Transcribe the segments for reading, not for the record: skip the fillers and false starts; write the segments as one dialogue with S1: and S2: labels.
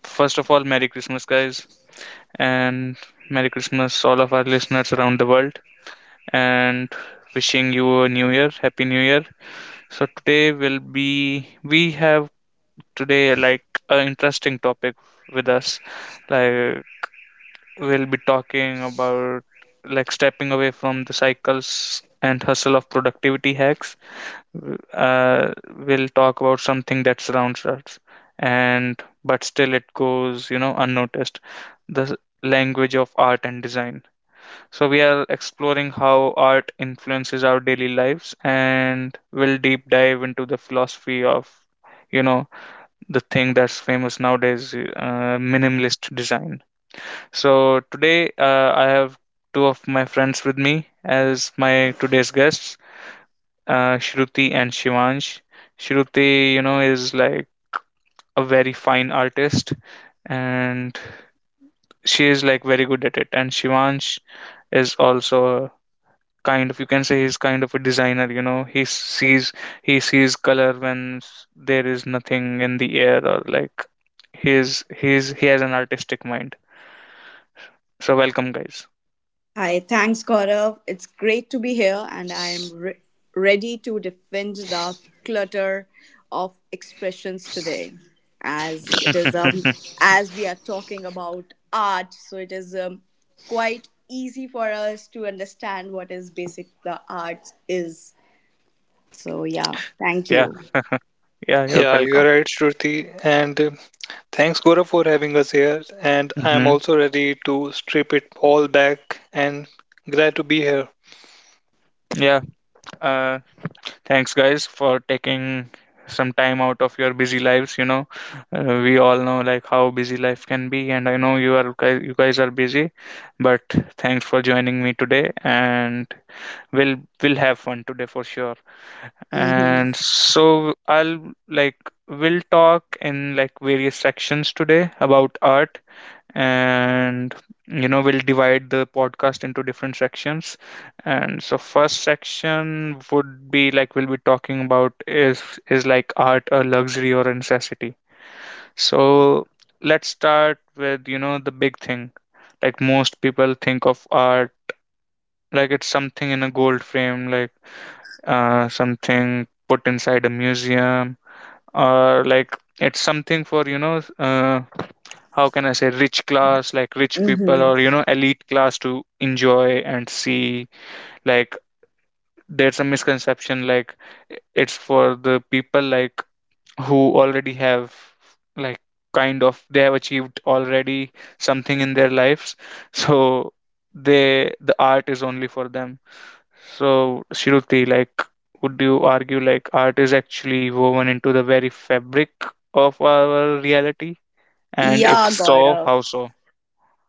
S1: first of all, Merry Christmas, guys, and Merry Christmas, all of our listeners around the world, and wishing you a new year, Happy New Year. So, we have today like an interesting topic with us. Like, we'll be talking about like stepping away from the cycles and hustle of productivity hacks. Uh, will talk about something that surrounds us, and but still it goes, unnoticed, the language of art and design. So we are exploring how art influences our daily lives, and will deep dive into the philosophy of, you know the thing that's famous nowadays, minimalist design. So today, I have two of my friends with me as my today's guests, Shruti and Shivansh. Shruti, is like a very fine artist, and she is like very good at it. And Shivansh is also kind of, you can say, he's kind of a designer. You know he sees color when there is nothing in the air, or like, he has an artistic mind. So welcome, guys.
S2: Hi, thanks, Gaurav. It's great to be here, and I am ready to defend the clutter of expressions today, as it is as we are talking about art, so it is quite easy for us to understand what is basic the art is. So yeah, thank
S1: Yeah,
S2: you.
S1: yeah, you're
S3: Yeah, you're
S1: welcome.
S3: right, Shruti. And thanks, Gaurav, for having us here. And I'm
S1: Hmm.
S3: also ready to strip it all back and glad to be here.
S1: Yeah. uh Thanks, guys, for taking some time out of your busy lives. We all know like how busy life can be, and I know you guys are busy, but thanks for joining me today, and we'll we'll have fun today for sure.
S2: Mm-hmm.
S1: And so, I'll like we'll talk in, like, various sections today about art, and, we'll divide the podcast into different sections. And so, first section would be like, we'll be talking about is like, art a luxury or a necessity? So let's start with, you know, the big thing. Like, most people think of art like it's something in a gold frame, like something put inside a museum, or like it's something for, you know, how can I say, rich class, like rich people, or, you
S2: Mm-hmm.
S1: know, elite class to enjoy and see. Like, there's a misconception, like it's for the people, like, who already have, like, kind of, they have achieved already something in their lives. So, the art is only for them. So, Shruti, like, would you argue like art is actually woven into the very fabric of our reality? And if
S2: Yeah,
S1: so,
S2: Gaurav.
S1: how so?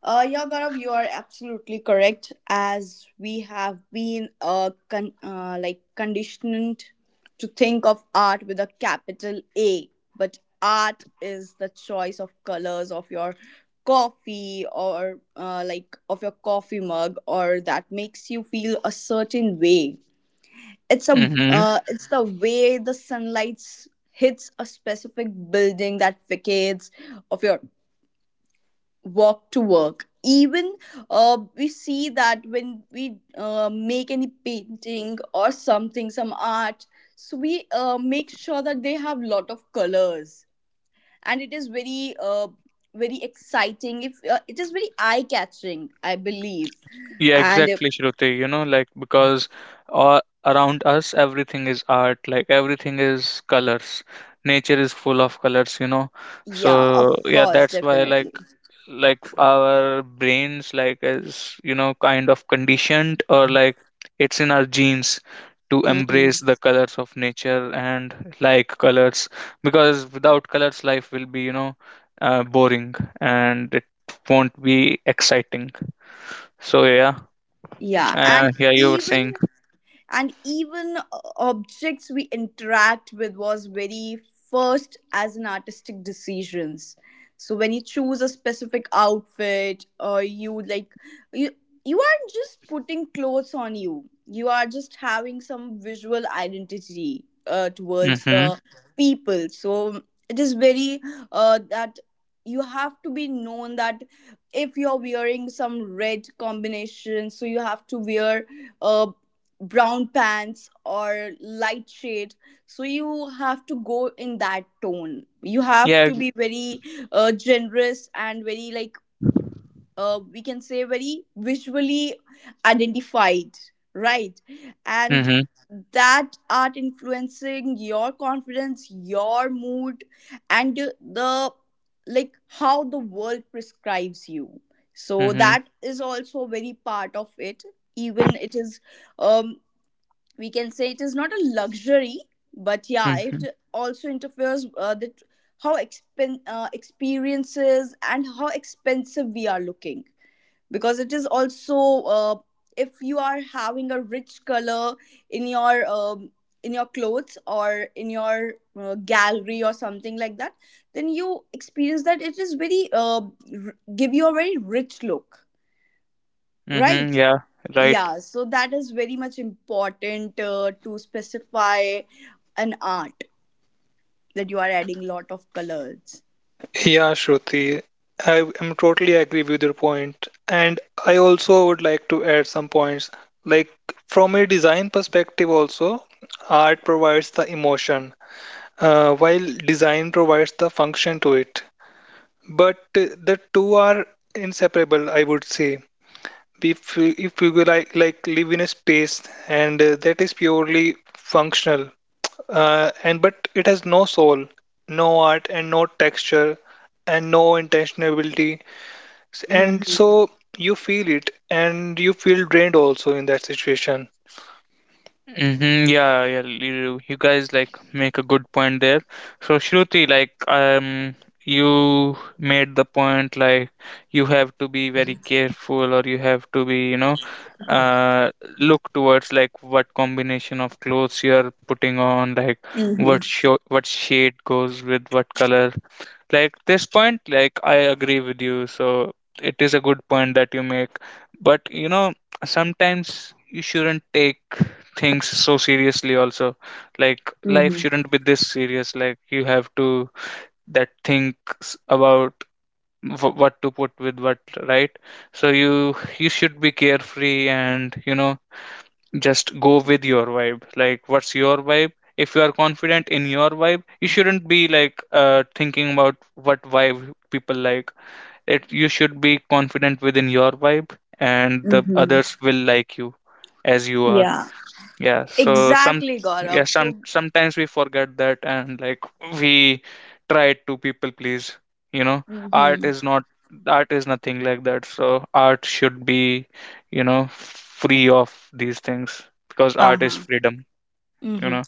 S2: Yeah, Gaurav, you are absolutely correct. As we have been like conditioned to think of art with a capital A, but art is the choice of colors of your coffee or like of your coffee mug or that makes you feel a certain way. It's a
S1: Mm-hmm.
S2: it's the way the sunlight hits a specific building that vacates of your walk to work even, we see that when we make any painting or something some art, so we make sure that they have lot of colors, and it is very very exciting if it is very eye catching, I believe.
S1: Yeah,
S2: And if,
S1: exactly, Shruti. You know, like, because all around us, everything is art. Like, everything is colors. Nature is full of colors. You know,
S2: Yeah, of
S1: so yeah,
S2: course,
S1: that's why like
S2: definitely.
S1: like our brains, like, is, you know, kind of conditioned, or like it's in our genes to embrace
S2: Hmm.
S1: the colors of nature, and, like, colors. Because without colors, life will be, boring, and it won't be exciting. So yeah.
S2: Yeah, and
S1: Yeah, you were
S2: even,
S1: saying.
S2: and even objects we interact with was very first as an artistic decisions. So when you choose a specific outfit or you you aren't just putting clothes on, you are just having some visual identity towards
S1: Mm-hmm.
S2: the people. So it is very that you have to be known that if you're wearing some red combination, so you have to wear uh, brown pants or light shade, so you have to go in that tone. You have
S1: Yeah.
S2: to be very generous and very like, we can say, very visually identified, right? And
S1: Mm-hmm.
S2: that art influencing your confidence, your mood, and the, like, how the world prescribes you. So
S1: Mm-hmm.
S2: that is also very part of it. Even it is, um we can say it is not a luxury, but yeah,
S1: Mm-hmm.
S2: it also interferes that how experiences and how expensive we are looking, because it is also uh, if you are having a rich color in your, in your clothes or in your gallery or something like that, then you experience that it is very give you a very rich look,
S1: Mm-hmm.
S2: right?
S1: Yeah. Right.
S2: Yeah, so that is very much important to specify an art that you are adding lot of colors.
S3: Yeah, Shruti, I am totally agree with your point. And I also would like to add some points. Like, from a design perspective, also, art provides the emotion, while design provides the function to it. But the two are inseparable, I would say. if if we live in a space and that is purely functional and but it has no soul, no art and no texture, and no intentionality, and
S2: Mm-hmm.
S3: so you feel it and you feel drained also in that situation.
S1: Mm-hmm. Yeah, yeah, you guys like make a good point there. So Shruti, like, you made the point like you have to be very careful, or you have to be, you know, uh, look towards like what combination of clothes you are putting on, like
S2: Mm-hmm.
S1: what show, what shade goes with what color. Like this point, like, I agree with you, so it is a good point that you make. But you know, sometimes you shouldn't take things so seriously also. Like life
S2: Mm-hmm.
S1: shouldn't be this serious, like you have to that thinks about what to put with what, right? So, you should be carefree, and, you know, just go with your vibe. Like, what's your vibe? If you are confident in your vibe, you shouldn't be like, thinking about what vibe people like it. You should be confident within your vibe, and the
S2: Mm-hmm.
S1: others will like you as you are.
S2: Yeah,
S1: Yeah, so some
S2: exactly,
S1: yeah,
S2: Gaurav. So,
S1: sometimes we forget that, and, like, we try to people please, you know.
S2: mm-hmm,
S1: Art is not, art is nothing like that. So art should be, you know, free of these things, because
S2: uh
S1: art is
S2: huh,
S1: freedom, you
S2: mm-hmm.
S1: know.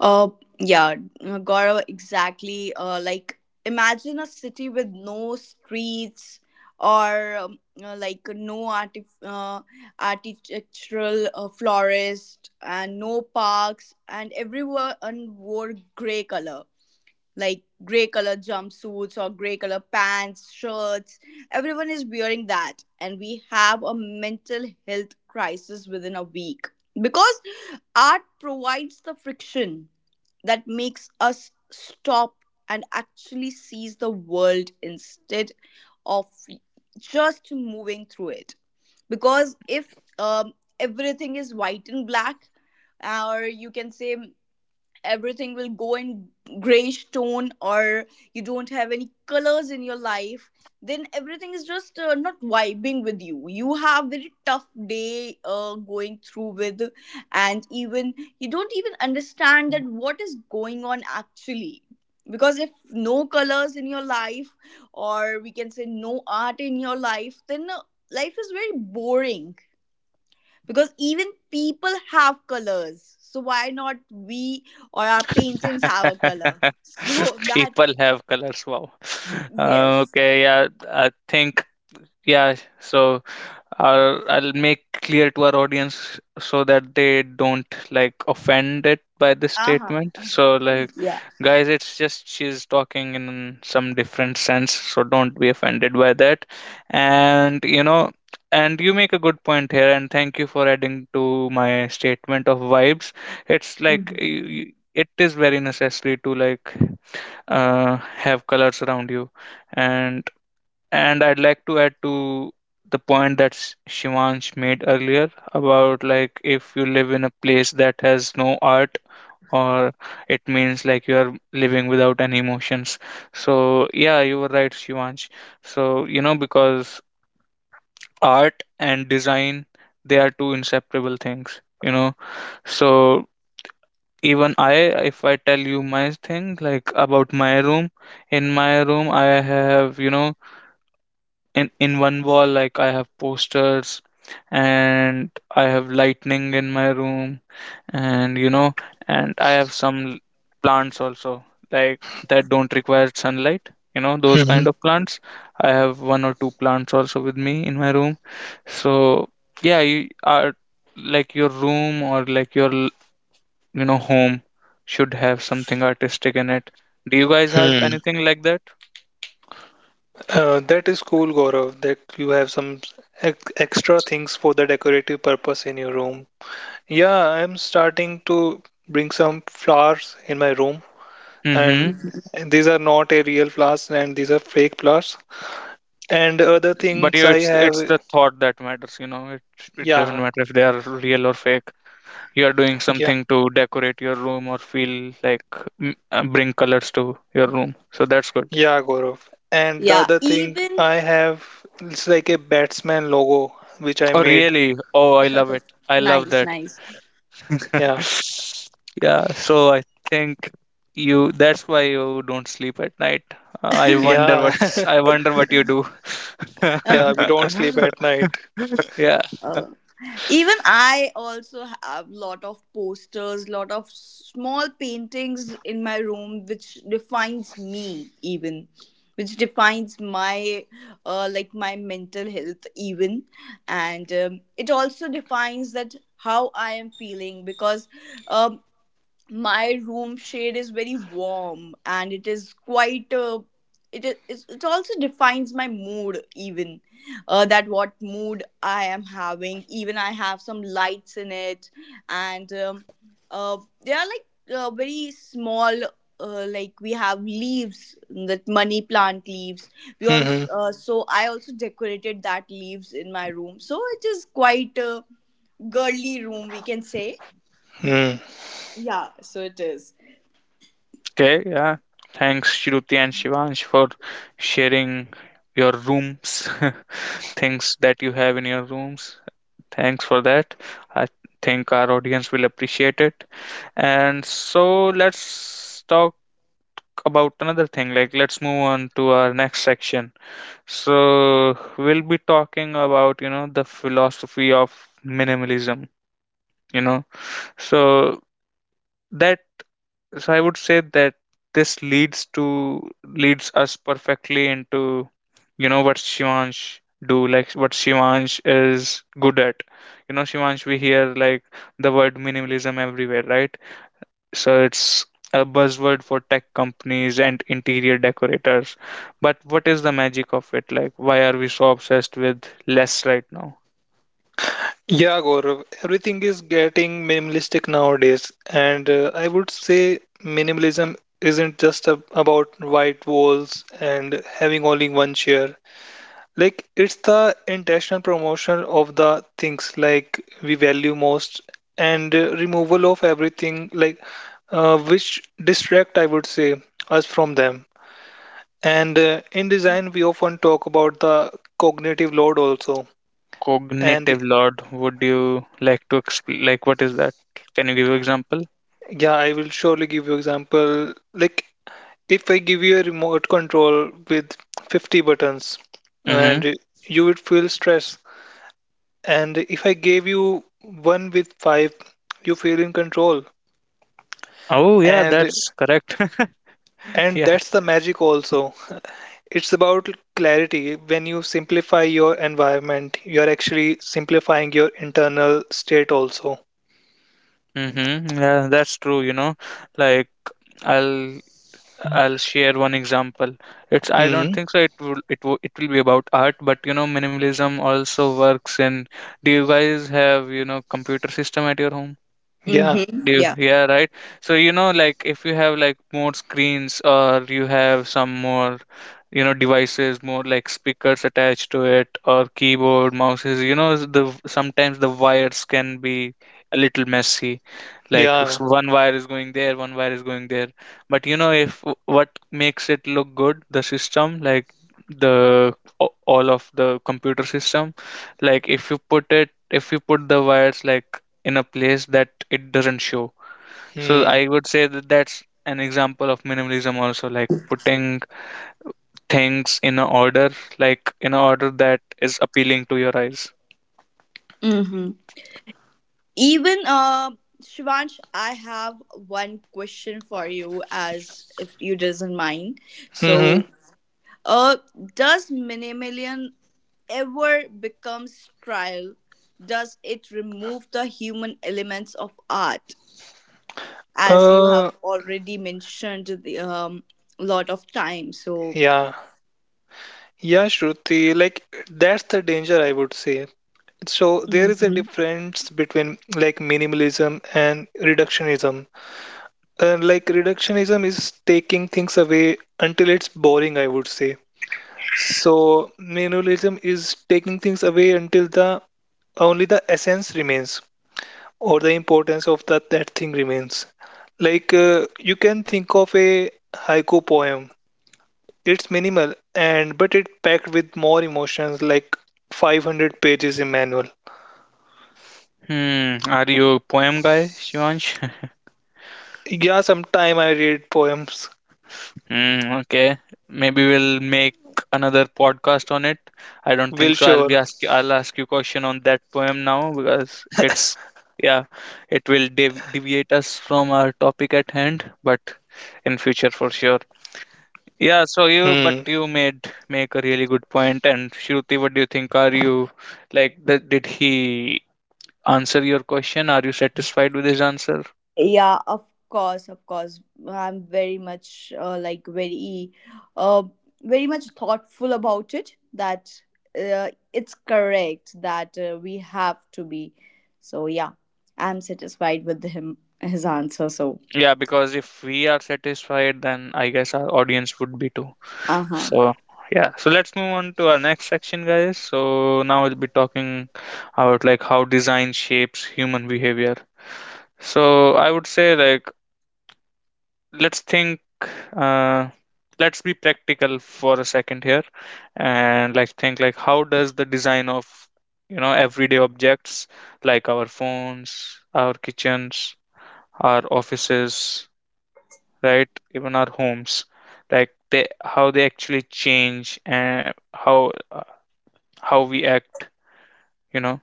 S2: Uh, yeah, Gaurav, exactly. Like imagine a city with no streets or, like no artif architectural florist and no parks, and everyone wore gray color, like gray color jumpsuits or gray color pants, shirts. Everyone is wearing that, and we have a mental health crisis within a week because art provides the friction that makes us stop and actually sees the world instead of just moving through it. Because if, um, everything is white and black, or you can say everything will go in grayish tone, or you don't have any colors in your life, then everything is just not vibing with you. You have very tough day going through with, and even you don't even understand that what is going on actually. Because if no colors in your life, or we can say no art in your life, then life is very boring, because even people have colors, so why not we or our paintings have a color so that
S1: People have colors, wow.
S2: yes,
S1: Okay. Yeah, I think. Yeah, so I'll make clear to our audience so that they don't like offended by this
S2: uh-huh,
S1: statement. So like,
S2: yeah.
S1: guys, it's just she's talking in some different sense, so don't be offended by that. And, you make a good point here, and thank you for adding to my statement of vibes. It's like
S2: Mhm,
S1: it is very necessary to, like, have colors around you, and I'd like to add to the point that Shivansh made earlier about, like, if you live in a place that has no art, or it means like you are living without any emotions. So yeah, you were right, Shivansh. So you know, because art and design, they are two inseparable things, you know. So even I, if I tell you my thing like about my room, in my room I have, you know, in one wall like I have posters, and I have lightning in my room. And, I have some plants also, like, that don't require sunlight, you know, those
S3: Mhm.
S1: kind of plants. I have one or two plants also with me in my room. So yeah, you are, like, your room, or like your, you know, home should have something artistic in it. Do you guys have
S3: Hmm.
S1: anything like that?
S3: That is cool, Gaurav, that you have some ex extra things for the decorative purpose in your room. Yeah, I'm starting to bring some flowers in my room,
S1: Mm-hmm.
S3: and
S2: mhm.
S3: these are not a real flowers, and these are fake flowers. And other
S1: But
S3: things
S1: you,
S3: I
S1: it's
S3: have.
S1: the thought that matters, you know. It doesn't
S3: Yeah.
S1: matter if they are real or fake. You are doing
S3: Yeah.
S1: something to decorate your room, or feel like, bring colors to your room, so that's good.
S3: Yeah, Gaurav, and the
S2: Yeah,
S3: other thing
S2: even
S3: I have, it's like a batsman logo which I
S1: Oh
S3: made.
S1: really, oh I love it, I love
S2: nice
S1: that.
S2: nice
S3: Yeah.
S1: Yeah, so I think you that's why you don't sleep at night. Uh, i wonder
S3: Yeah.
S1: what's i wonder what you do.
S3: Yeah, we don't sleep at night.
S1: Yeah.
S2: uh even I also have lot of posters, lot of small paintings in my room, which defines me, even which defines my like my mental health even. And, it also defines that how I am feeling because, um, my room shade is very warm, and it is quite it is it also defines my mood even that what mood I am having. Even I have some lights in it, and, uh, they are like, very small, like we have leaves, that money plant leaves. We
S3: Mm-hmm.
S2: also so I also decorated that leaves in my room, so it is quite a girly room, we can say.
S3: Mm.
S2: Yeah, so it is.
S1: Okay, yeah. Thanks, Shruti and Shivansh, for sharing your rooms, things that you have in your rooms. Thanks for that. I think our audience will appreciate it. And so let's talk about another thing. Like, let's move on to our next section. So we'll be talking about, you know, the philosophy of minimalism, you know. So that, so I would say that this leads us perfectly into, you know, what Shivansh is good at. You know, Shivansh, we hear like the word minimalism everywhere, right? So it's a buzzword for tech companies and interior decorators. But what is the magic of it? Like, why are we so obsessed with less right now?
S3: Yeah, Gaurav, everything is getting minimalistic nowadays, and I would say minimalism isn't just about white walls and having only one chair. Like, it's the intentional promotion of the things like we value most, and removal of everything like, which distract, I would say, us from them. And in design, we often talk about the cognitive load also. And
S1: Cognitive load. Would you like to explain, like, what is that? Can you give example?
S3: yeah, I will surely give you example. Like, if I give you a remote control with 50 buttons
S1: Mm-hmm.
S3: and you would feel stress. And if I gave you one with five, you feel in control.
S1: Oh yeah,
S3: And
S1: that's correct.
S3: and
S1: Yeah.
S3: that's the magic also. It's about clarity. When you simplify your environment, you're actually simplifying your internal state also.
S1: Mm-hmm. Yeah, that's true, you know. Like, I'll I'll share one example. It's, I don't
S3: Hmm.
S1: think so it will it will it will be about art, but you know minimalism also works in. Do you guys have, you know, computer system at your home?
S3: Yeah.
S2: Mm-hmm.
S1: Do
S2: Yeah.
S1: Yeah, right. So you know, like if you have like more screens, or you have some more, you know, devices, more like speakers attached to it, or keyboard, mouses. You know, the sometimes the wires can be a little messy. Like
S3: Yeah.
S1: one wire is going there, one wire is going there. But you know, if what makes it look good, the system, like the all of the computer system, like if you put the wires like in a place that it doesn't show. So
S3: Hmm.
S1: I would say that that's an example of minimalism also, like putting things in an order that is appealing to your eyes.
S2: Mm-hmm. Even Shivansh, I have one question for you, as if you doesn't mind.
S3: Hmm.
S2: So, uh does minimalism ever becomes trial? Does it remove the human elements of art? As you
S3: Uh.
S2: have already mentioned the lot of time. So
S3: Yeah. Yeah, Shruti. Like, that's the danger, I would say. So there is a difference between like minimalism and reductionism. Like reductionism is taking things away until it's boring, I would say. So minimalism is taking things away until the only the essence remains, or the importance of that thing remains. Like, you can think of a haiku poem. It's minimal and but it packed with more emotions like 500 pages in manual.
S1: Hmm, are you a poem guy, Shivansh?
S3: Yeah, sometime I read poems.
S1: Hmm, okay. Maybe we'll make another podcast on it. I don't think
S3: Will
S1: so.
S3: sure.
S1: I'll ask you question on that poem now, because it's, yeah, it will deviate us from our topic at hand, but in future for sure.
S3: Hmm.
S1: Yeah, so you but you made make a really good point. And Shruti, what do you think? Are you like, did he answer your question? Are you satisfied with his answer?
S2: yeah, of course, of course. I'm very much very, uh, very much thoughtful about it. That it's correct that we have to be. So yeah, I'm satisfied with him his answer. So
S1: Yeah, because if we are satisfied, then I guess our audience would be too.
S2: uh huh.
S1: So yeah, so let's move on to our next section, guys. So now we'll be talking about like how design shapes human behavior. So I would say like, let's think uh, let's be practical for a second here, and like think like how does the design of, you know, everyday objects, like our phones, our kitchens, our offices, right, even our homes, like, they how they actually change, and how we act you know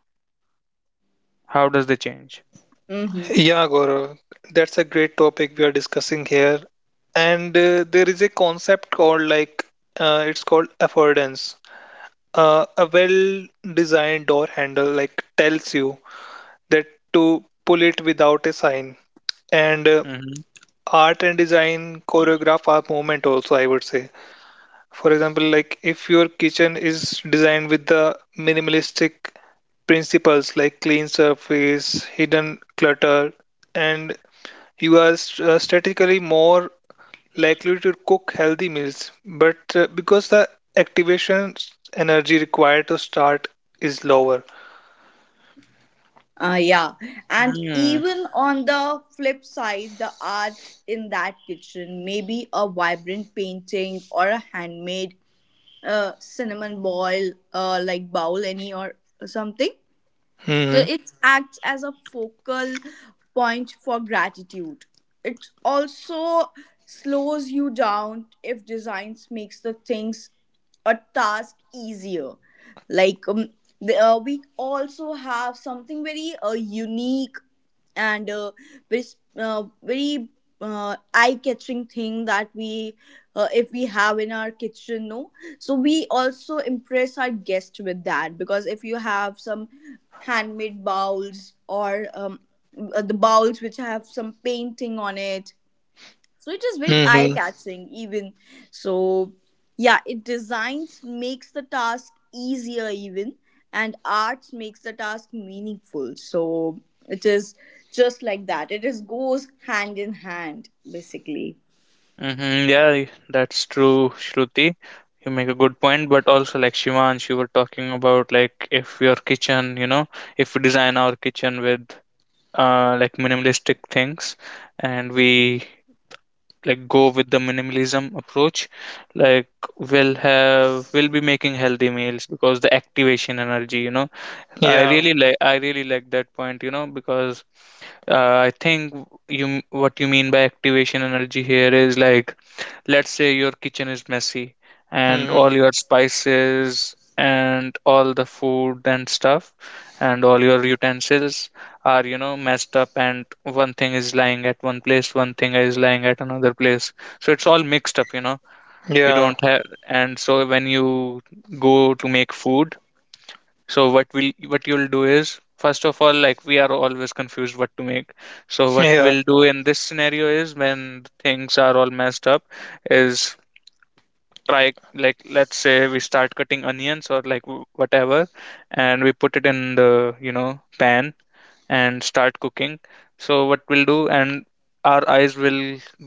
S1: How does they change?
S2: Mm-hmm.
S3: Yeah, Gaurav, that's a great topic we are discussing here. And there is a concept called like, it's called affordance. A well-designed door handle like tells you that to pull it without a sign. And
S1: Mm-hmm.
S3: art and design choreograph our movement also, I would say. For example, like if your kitchen is designed with the minimalistic principles like clean surface, hidden clutter, and you are statistically more likely to cook healthy meals, but because the energy required to start is lower.
S2: Yeah, and even on the flip side, the art in that kitchen, maybe a vibrant painting or a handmade cinnamon ball, like any or something. So
S3: Hmm.
S2: it acts as a focal point for gratitude. It also slows you down if designs makes the things a task easier. Like, the, we also have something very unique and very eye-catching thing that we if we have in our kitchen no, so we also impress our guests with that, because if you have some handmade bowls or, the bowls which have some painting on it, so it is very eye
S3: Hmm.
S2: catching even. So yeah, it designs makes the task easier even, and arts makes the task meaningful. So it is just like that, it is goes hand in hand basically.
S1: Mm-hmm. Yeah, that's true, Shruti. You make a good point, but also like Shivansh, you were talking about like if your kitchen, if we design our kitchen with like minimalistic things and we like go with the minimalism approach, like we'll be making healthy meals because the activation energy. i
S3: Yeah.
S1: really like i really like that point, you know, because I think you, what you mean by activation energy here is like, let's say your kitchen is messy and all
S3: Hmm.
S1: your spices and all the food and stuff and all your utensils are, you know, messed up, and one thing is lying at one place, one thing is lying at another place. So it's all mixed up, you know. You
S3: Yeah.
S1: don't have, and so when you go to make food, so what you'll do is, first of all, like, we are always confused what to make. So what
S3: Yeah.
S1: we'll do in this scenario, is when things are all messed up is, try, like, let's say we start cutting onions or like whatever, and we put it in the, you know, pan and start cooking. So what we'll do, and our eyes will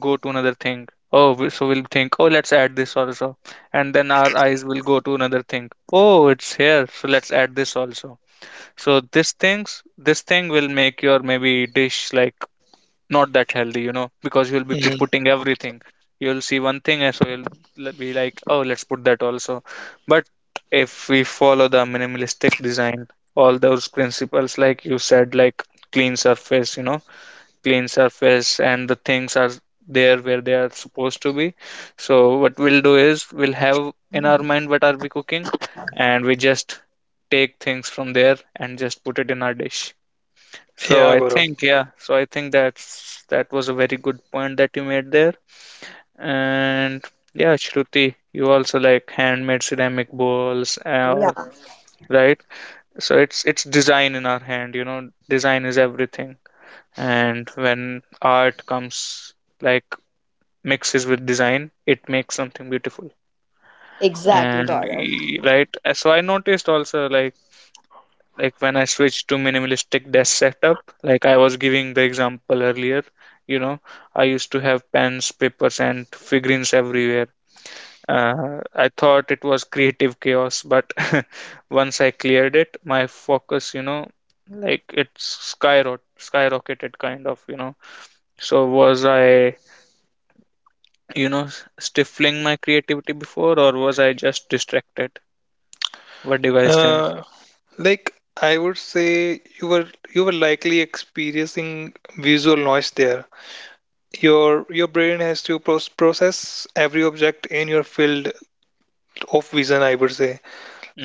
S1: go to another thing, oh so we'll think, oh, let's add this also. And then our eyes will go to another thing, oh, it's here, so let's add this also. So this thing will make your, maybe, dish, like, not that healthy, you know, because you'll be
S3: Hmm.
S1: putting everything. You'll see one thing, and so you'll be like, oh, let's put that also. But if we follow the minimalistic design, all those principles, like you said, like clean surface, you know, clean surface, and the things are there where they are supposed to be. So, what we'll do is we'll have in our mind what are we cooking, and we just take things from there and just put it in our dish. So
S3: Yeah,
S1: I
S3: Guru.
S1: think, yeah, so I think that was a very good point that you made there. And yeah, Shruti, you also like handmade ceramic bowls, or right? So it's design in our hand, you know, design is everything. And when art comes, like, mixes with design, it makes something beautiful.
S2: Exactly,
S1: And
S2: Gaurav.
S1: right, so I noticed also, like when I switched to minimalistic desk setup, like I was giving the example earlier, you know, I used to have pens, papers, and figurines everywhere. I thought it was creative chaos, but once I cleared it, my focus, you know, like it's skyrocketed, kind of, you know. So was I, you know, stifling my creativity before, or was I just distracted? What do you guys think?
S3: Uh, like I would say you were likely experiencing visual noise there. Your your brain has to process every object in your field of vision, I would say.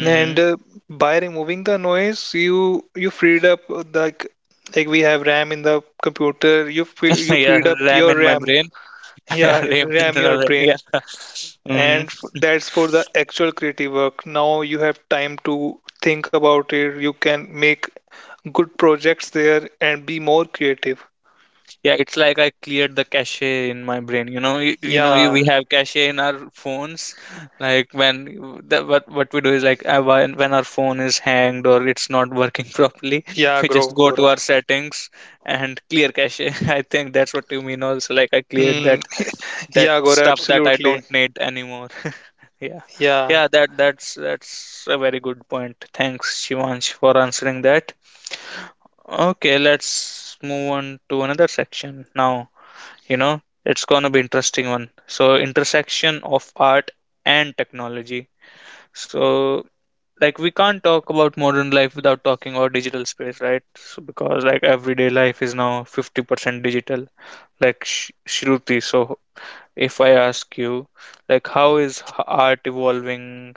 S3: And uh, by removing the noise, you freed up like we have RAM in the computer. You
S1: Yeah,
S3: freed up
S1: ram
S3: your
S1: in my
S3: RAM.
S1: brain. Yeah,
S3: Yeah,
S1: Raymond
S3: RAM your
S1: Ronald,
S3: brain.
S1: yeah. Hmm.
S3: And that's for the actual creative work. Now you have time to think about it. You can make good projects there and be more creative.
S1: Yeah, it's like I cleared the cache in my brain. You know, you,
S3: Yeah,
S1: we have cache in our phones. Like what we do is like when our phone is hanged or it's not working properly,
S3: yeah,
S1: we just go to
S3: Gaurav.
S1: our settings and clear cache. I think that's what you mean. Also, like I cleared
S3: Hmm.
S1: that that
S3: Yeah, Gaurav,
S1: stuff that I
S3: absolutely.
S1: don't need anymore. Yeah,
S3: Yeah,
S1: yeah. That's a very good point. Thanks, Shivansh, for answering that. Okay, let's move on to another section now. You know, it's gonna be interesting one. So, intersection of art and technology. So, like we can't talk about modern life without talking about digital space, right? So, because like everyday life is now 50% digital. Like Shruti, so if I ask you, like how is art evolving,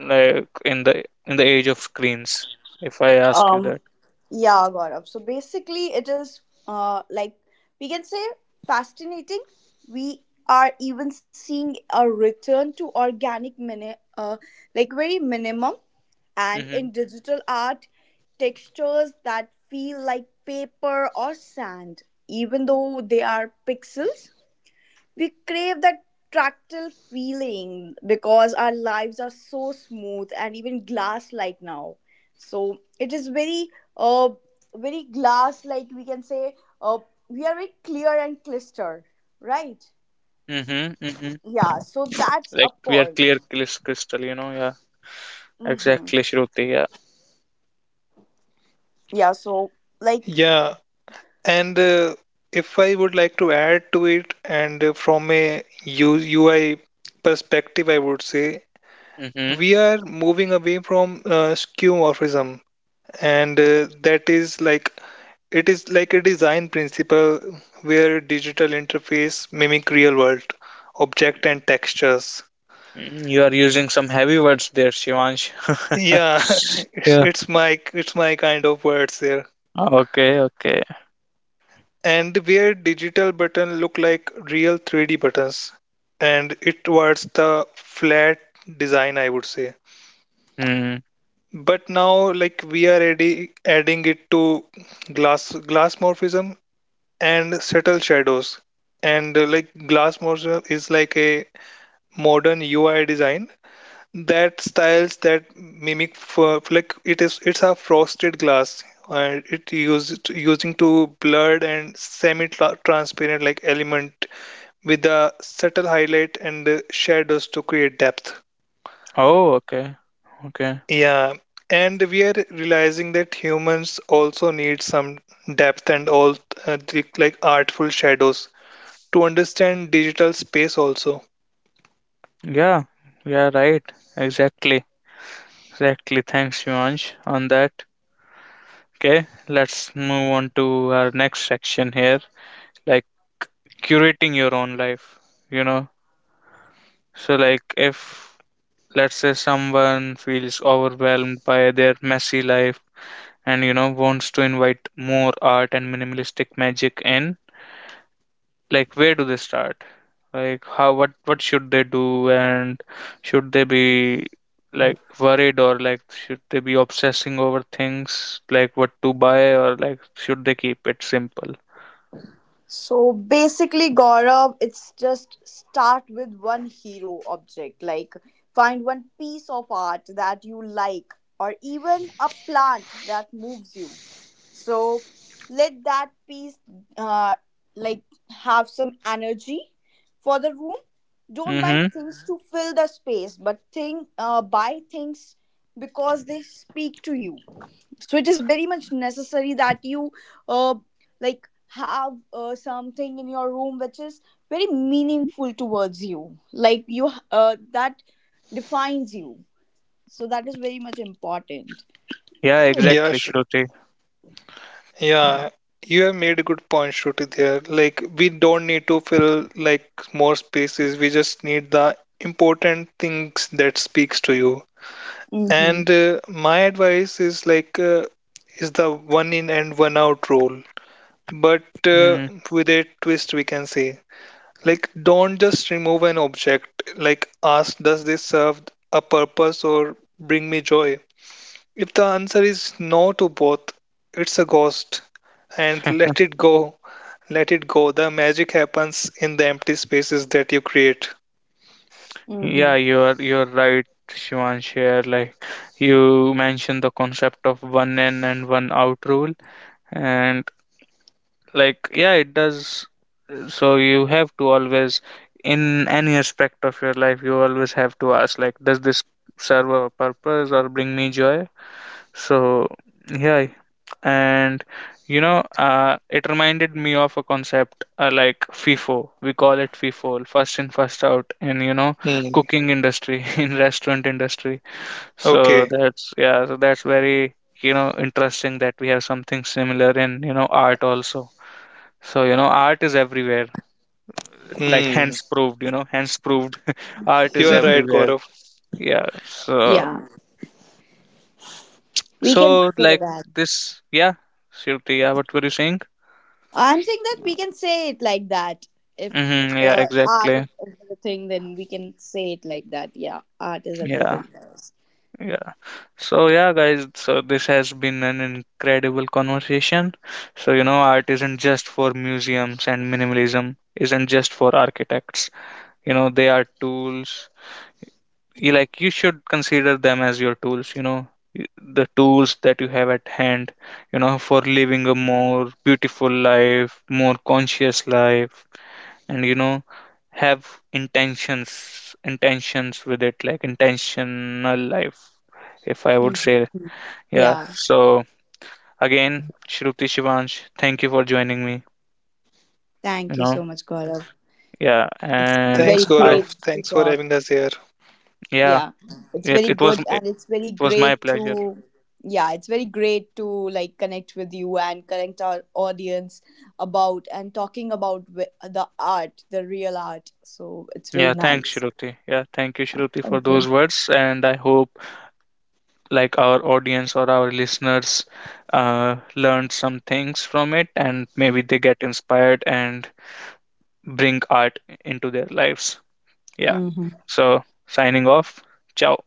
S1: like in the age of screens? If I ask you
S2: Um,
S1: that.
S2: yeah, Gaurav. So basically, it is like, we can say, fascinating. We are even seeing a return to organic like very minimum. And
S1: Mm-hmm.
S2: in digital art, textures that feel like paper or sand, even though they are pixels, we crave that tactile feeling because our lives are so smooth and even glass like now. So it is very, uh, very glass like we can say, uh, we are very clear and clustered, right?
S1: Mm-hmm. Mm-hmm.
S2: Yeah, so that's a
S1: Like we are
S2: point.
S1: clear crystal, you know, yeah.
S2: Hmm.
S1: Exactly, Shruti, yeah.
S2: Yeah, so like,
S3: yeah. And if I would like to add to it, and from a UI perspective, I would say
S1: Mm-hmm.
S3: we are moving away from skeuomorphism, and that is like, it is like a design principle where digital interface mimic real world object and textures.
S1: Mm-hmm. You are using some heavy words there, Shivansh.
S3: Yeah, it's
S1: Yeah.
S3: it's my it's my kind of words there.
S1: Okay, okay.
S3: And where digital button look like real 3D buttons, and it was the flat design, I would say.
S1: Hmm.
S3: But now, like we are ready adding it to glass morphism and subtle shadows. And like glass morphism is like a modern UI design that styles that mimic for like, it is it's a frosted glass, and it used using to blurred and semi transparent like element with the subtle highlight and shadows to create depth.
S1: Oh, okay. Okay.
S3: Yeah, and we are realizing that humans also need some depth and all like artful shadows to understand digital space also.
S1: Yeah. Yeah, right. Exactly. Exactly. Thanks, Shivansh, on that. Okay, let's move on to our next section here, like curating your own life, you know. So, like, if let's say someone feels overwhelmed by their messy life and you know wants to invite more art and minimalistic magic in, like where do they start, like how, what should they do, and should they be like worried, or like should they be obsessing over things like what to buy, or like should they keep it simple?
S2: so basically, Gaurav, it's just start with one hero object. Like, find one piece of art that you like, or even a plant that moves you. So let that piece, uh, like have some energy for the room. Don't buy
S1: Mm-hmm.
S2: things to fill the space, but think, buy things because they speak to you. So it is very much necessary that you, uh, have something in your room which is very meaningful towards you, like you, that defines you. So that is very much important.
S1: Yeah,
S3: Yeah,
S1: exactly, Shruti.
S3: yeah, you have made a good point, Shruti, there. Like, we don't need to fill like more spaces. We just need the important things that speaks to you.
S2: Mm-hmm.
S3: And my advice is like, is the one in and one out rule, but uh,
S1: Mm,
S3: with a twist we can say. Like, don't just remove an object. Like, ask, does this serve a purpose or bring me joy? If the answer is no to both, it's a ghost and let it go. Let it go. The magic happens in the empty spaces that you create.
S2: Mm-hmm.
S1: yeah, you're right, Shivan. Here, like you mentioned the concept of one in and one out rule, and like, yeah, it does. So you have to always, in any aspect of your life, you always have to ask, like, does this serve a purpose or bring me joy? So yeah. And you know, it reminded me of a concept, like FIFO, we call it FIFO, first in first out, in, you know,
S3: Hmm.
S1: cooking industry in restaurant industry. So
S3: Okay.
S1: that's, yeah, so that's very, you know, interesting that we have something similar in, you know, art also. So, you know, art is everywhere. Like,
S3: Hmm.
S1: hence proved, you know, hence proved, art
S3: You
S1: is
S3: are right,
S1: everywhere.
S3: Gaurav.
S1: Yeah. So,
S2: Yeah, we can
S1: so
S2: say
S1: like
S2: that.
S1: this, yeah, Shruti, yeah, what were you saying?
S2: I'm saying that we can say it like that. If
S1: Mm-hmm, yeah,
S2: art
S1: exactly.
S2: is everything, then we can say it like that. Yeah, art is
S1: Yeah,
S2: everything for us.
S1: yeah. So yeah, guys, so this has been an incredible conversation. So, you know, art isn't just for museums and minimalism isn't just for architects. You know, they are tools, you, like, you should consider them as your tools, you know. Y- the tools that you have at hand, you know, for living a more beautiful life, more conscious life, and you know, have intentions with it, like intentional life, if I would say.
S2: Hmm. Yeah.
S1: Yeah. So, again, Shruti, Shivansh, thank you for joining me,
S2: Thank you so
S1: you
S2: much,
S1: know.
S2: Gaurav.
S1: Yeah.
S2: It's very
S1: And
S3: Thanks,
S2: great
S1: I,
S3: Gaurav.
S2: to
S3: Thanks for
S2: talk.
S3: having us here.
S1: yeah,
S2: Yeah, it's very good,
S1: it
S2: and it's very
S1: was my
S2: great
S1: pleasure.
S2: to. Yeah, it's very great to like connect with you and connect our audience about and talking about the art, the real art. So it's very
S1: Yeah, thanks,
S2: nice.
S1: Shruti. Yeah, thank you, Shruti, for
S2: Thank you.
S1: those words. And I hope, like, our audience or our listeners learned some things from it, and maybe they get inspired and bring art into their lives. Yeah.
S2: Mhm.
S1: So, signing off. Ciao.